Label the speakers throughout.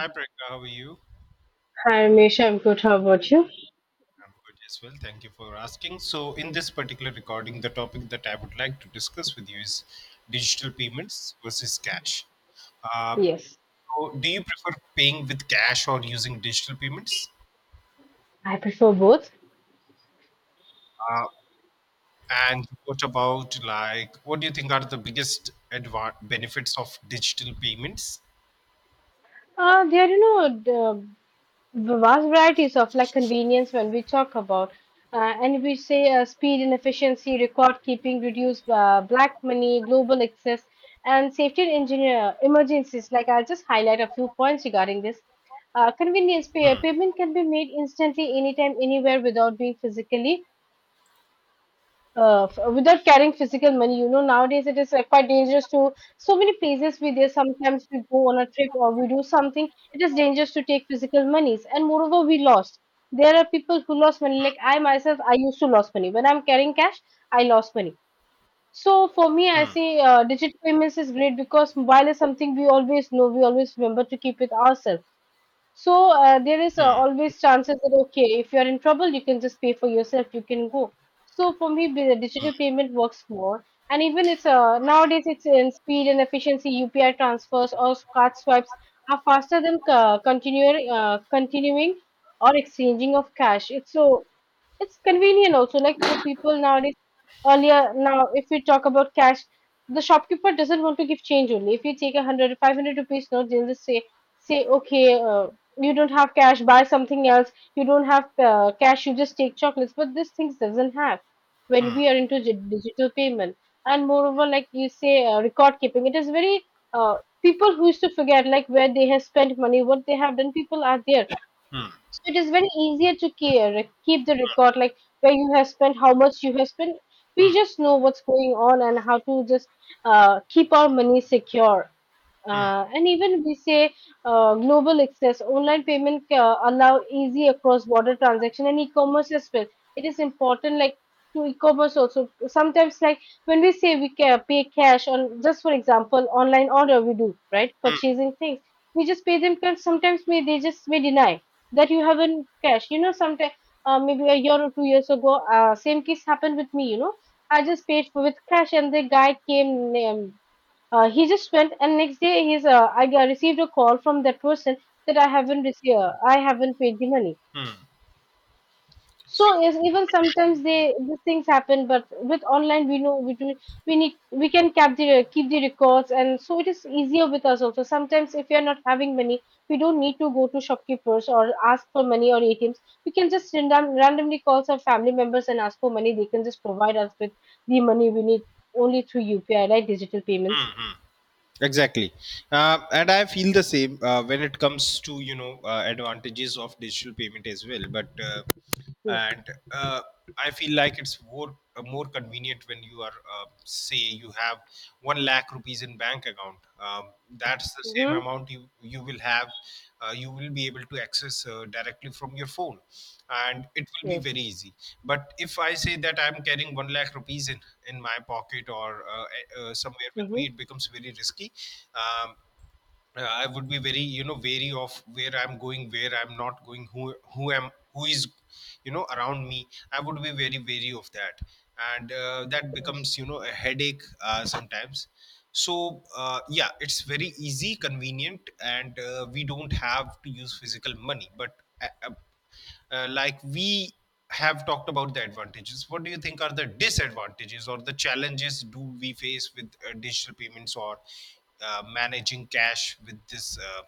Speaker 1: Hi, Priyanka. How are you?
Speaker 2: Hi, Misha. I'm good. How about you?
Speaker 1: I'm good as well. Thank you for asking. So, in this particular recording, the topic that I would like to discuss with you is digital payments versus cash. Uh,
Speaker 2: Yes,
Speaker 1: so, do you prefer paying with cash or using digital payments?
Speaker 2: I prefer both.
Speaker 1: Uh, and what about, like, what do you think are the biggest benefits of digital payments?
Speaker 2: There are, you know, the vast varieties of like convenience when we talk about, and we say speed and efficiency, record keeping, reduce black money, global access, and safety and engineer emergencies. Like I'll just highlight a few points regarding this. Convenience pay,
Speaker 1: Hmm,
Speaker 2: payment can be made instantly, anytime, anywhere, without being physically without carrying physical money. You know, nowadays it is like quite dangerous to so many places we there. Sometimes we go on a trip or we do something. It is dangerous to take physical monies, and moreover, we lost. There are people who lost money. Like I myself, I used to lost money when I'm carrying cash. I lost money. So for me, I
Speaker 1: hmm,
Speaker 2: see digital payments is great because mobile is something we always know. We always remember to keep with ourselves so there is
Speaker 1: hmm,
Speaker 2: always chances that okay, if you are in trouble, you can just pay for yourself. You can go. So for me, the digital payment works more, and even it's nowadays it's in speed and efficiency. UPI transfers or card swipes are faster than continuing or exchanging of cash. It's convenient also, like for people nowadays. Earlier, now if we talk about cash, the shopkeeper doesn't want to give change only. If you take 100, 500 rupees note, they'll just say, okay, you don't have cash, buy something else. You don't have cash, you just take chocolates. But these things doesn't have when we are into digital payment. And moreover, like you say, record keeping, it is very uh, People who used to forget like where they have spent money, what they have done. People are there so it is very easier to care, keep the record, like where you have spent, how much you have spent. We just know what's going on and how to just keep our money secure. And even we say global access, online payment allow easy across border transaction and e-commerce as well. It is important like to e-commerce also. Sometimes like when we say we can pay cash on just for example online order we do right
Speaker 1: hmm.
Speaker 2: purchasing things we just pay them because sometimes may they just may deny that you haven't cashed. You know, sometime maybe a year or 2 years ago, same case happened with me. You know, I just paid for with cash, and the guy came. He just went, and next day received a call from that person that I haven't received. I haven't paid the money
Speaker 1: So,
Speaker 2: so yes, even sometimes they these things happen, but with online we know we do we need we can keep the records, and so it is easier with us also. Sometimes if we are not having money, we don't need to go to shopkeepers or ask for money or ATMs. We can just randomly call some family members and ask for money. They can just provide us with the money we need only through UPI, right? Digital payments.
Speaker 1: exactly, and I feel the same when it comes to, advantages of digital payment as well, but
Speaker 2: Yes.
Speaker 1: and uh, I feel like it's more convenient when you are, say, you have 1 lakh rupees in bank account. That's the same
Speaker 2: Mm-hmm.
Speaker 1: amount you will have. You will be able to access, directly from your phone, and it will be
Speaker 2: Yes.
Speaker 1: very easy. But if I say that I'm carrying 1 lakh rupees in my pocket or somewhere with me,
Speaker 2: Mm-hmm.
Speaker 1: it becomes very risky. Um, I would be very, wary of where I'm going, where I'm not going, who is, around me. I would be very wary of that, and that
Speaker 2: Yes.
Speaker 1: becomes, a headache, sometimes. So yeah, it's very easy, convenient, and we don't have to use physical money, but. Uh, uh, like, we have talked about the advantages. What do you think are the disadvantages or the challenges do we face with, digital payments, or managing cash with this,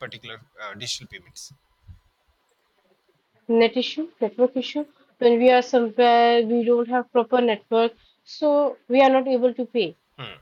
Speaker 1: particular, digital payments?
Speaker 2: Net issue, network issue. When we are somewhere, we don't have proper network, so we are not able to pay.
Speaker 1: Hmm,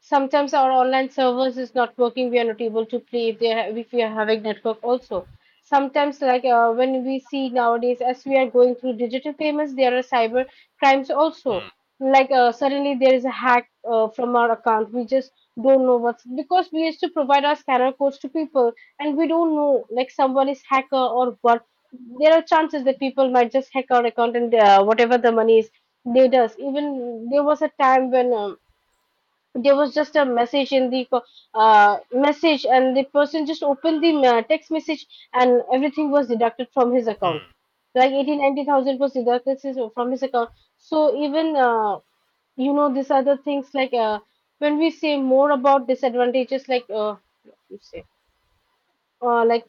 Speaker 2: Sometimes our online servers is not working. We are not able to play if if we are having network also. Sometimes, like when we see nowadays, as we are going through digital payments, there are cyber crimes also.
Speaker 1: hmm,
Speaker 2: Like suddenly there is a hack from our account. We just don't know what's because we used to provide our scanner codes to people, and we don't know like someone is hacker or what. There are chances that people might just hack our account and whatever the money is, they does. Even there was a time when there was just a message in the message and the person just opened the text message and everything was deducted from his account
Speaker 1: hmm,
Speaker 2: like 80, 90 thousand was deducted from his account so even you know these other things like when we say more about disadvantages like what you say like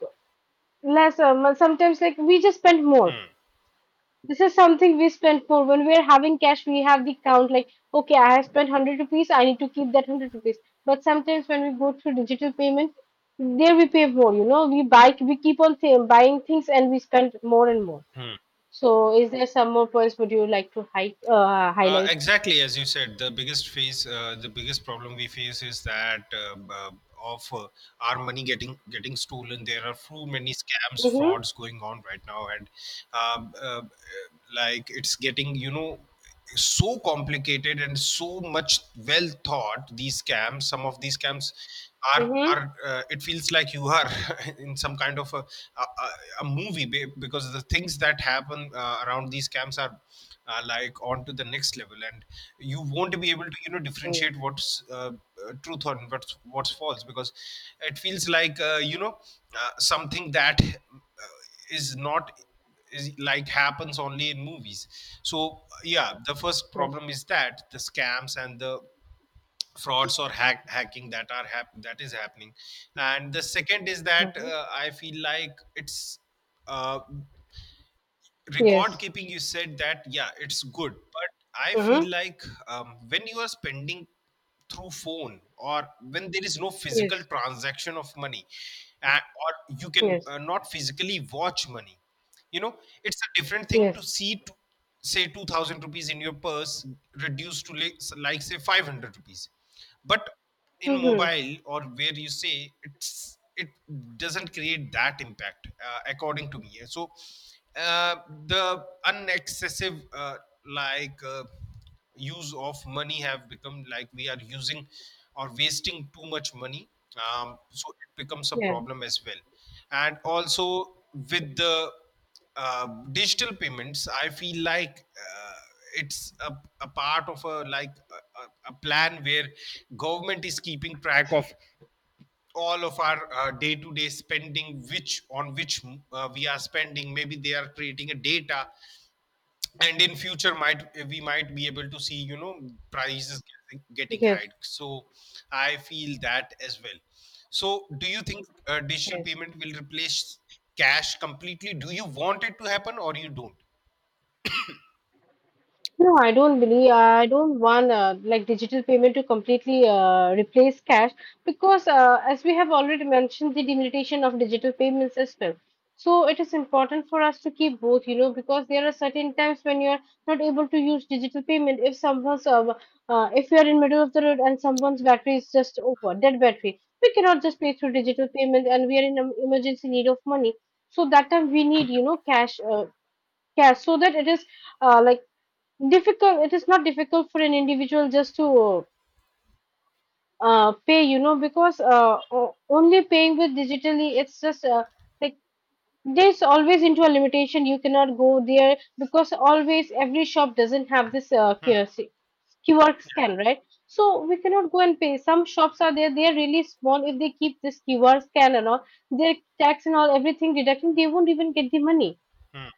Speaker 2: less sometimes like we just spend more.
Speaker 1: hmm,
Speaker 2: This is something we spend for. When we are having cash, we have the count like, okay, I have spent 100 rupees, I need to keep that 100 rupees. But sometimes when we go through digital payment, there we pay more, you know, we buy, we keep on saying, buying things and we spend more and more.
Speaker 1: hmm.
Speaker 2: So, is there some more points would you like to highlight?
Speaker 1: Exactly as you said, the biggest problem we face is that, of, our money getting stolen. There are too many scams,
Speaker 2: Mm-hmm.
Speaker 1: frauds going on right now, and um, uh, like, it's getting, so complicated and so much well thought, these scams. Some of these scams
Speaker 2: Mm-hmm.
Speaker 1: are it feels like you are in some kind of a, a a movie because the things that happen, around these scams are, like, on to the next level, and you won't be able to,
Speaker 2: Oh,
Speaker 1: differentiate what's, truth and what's false, because it feels like, something that, is not, is like, happens only in movies. So yeah, the first
Speaker 2: yes.
Speaker 1: problem is that the scams and the frauds or hacking that that is happening, and the second is that,
Speaker 2: Mm-hmm.
Speaker 1: I feel like it's uh, record
Speaker 2: Yes.
Speaker 1: keeping. You said that yeah, it's good, but I feel
Speaker 2: Mm-hmm.
Speaker 1: like, when you are spending through phone, or when there is no physical
Speaker 2: Yes.
Speaker 1: transaction of money, or you can,
Speaker 2: Yes.
Speaker 1: not physically watch money, you know it's a different thing to
Speaker 2: Yes.
Speaker 1: see, to say 2,000 rupees in your purse reduced to like say 500 rupees, but in
Speaker 2: Mm-hmm.
Speaker 1: mobile or where you say it doesn't create that impact, according to me. So uh, the unexcessive, like, use of money have become, like, we are using or wasting too much money, so it becomes a
Speaker 2: Yeah.
Speaker 1: problem as well. And also, with the, digital payments, I feel like, it's a part of a, like, a plan where government is keeping track of all of our, day-to-day spending, which, we are spending. Maybe they are creating a data, and in future might we might be able to see, you know, prices getting high.
Speaker 2: Yes.
Speaker 1: So I feel that as well. So do you think, digital
Speaker 2: Yes.
Speaker 1: payment will replace cash completely? Do you want it to happen, or you don't?
Speaker 2: No, I don't believe. I don't want like digital payment to completely replace cash because, as we have already mentioned, the limitation of digital payments as well. So it is important for us to keep both, you know, because there are certain times when you are not able to use digital payment. If if you are in middle of the road and someone's battery is just over, dead battery, we cannot just pay through digital payment, and we are in emergency need of money. So that time we need, you know, cash, so that it is uh, like difficult. It is not difficult for an individual just to pay you know because only paying with digitally it's just like there's always into a limitation. You cannot go there because always every shop doesn't have this
Speaker 1: Hmm,
Speaker 2: QRC, QR scan, right? So we cannot go and pay. Some shops are there, they are really small. If they keep this QR scan and all, their tax and all everything deducting, they won't even get the money.
Speaker 1: hmm,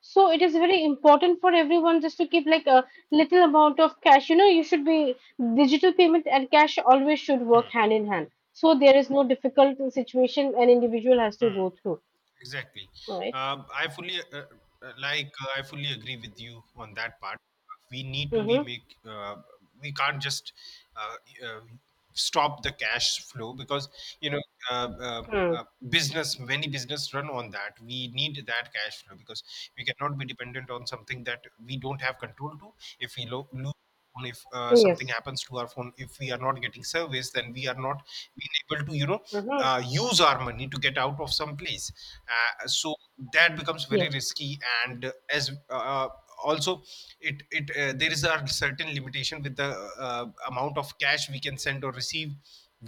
Speaker 2: So it is very important for everyone just to keep like a little amount of cash. You know, you should be digital payment and cash always should work
Speaker 1: hmm,
Speaker 2: hand in hand. So there is no difficult situation an individual has to
Speaker 1: hmm.
Speaker 2: go through.
Speaker 1: Exactly.
Speaker 2: Right?
Speaker 1: I fully, I fully agree with you on that part. We need to be
Speaker 2: Mm-hmm.
Speaker 1: make. We can't just, uh, uh, stop the cash flow, because, you know
Speaker 2: Mm.
Speaker 1: business. Many business run on that. We need that cash flow, because we cannot be dependent on something that we don't have control to. If we lose phone, if, something
Speaker 2: Yes.
Speaker 1: happens to our phone, if we are not getting service, then we are not being able to,
Speaker 2: Mm-hmm.
Speaker 1: use our money to get out of some place, so that becomes very
Speaker 2: Yes.
Speaker 1: risky. And as, uh, also, it there is a certain limitation with the, uh, amount of cash we can send or receive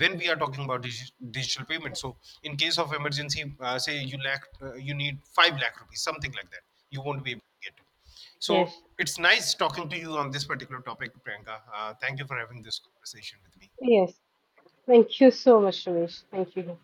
Speaker 1: when we are talking about digital payment. So in case of emergency, say you lack you need 5 lakh rupees, something like that, you won't be able to get it. So
Speaker 2: Yes.
Speaker 1: it's nice talking to you on this particular topic, Priyanka. Thank you for having this conversation with me.
Speaker 2: Yes. Thank you so much, Ramesh. Thank you.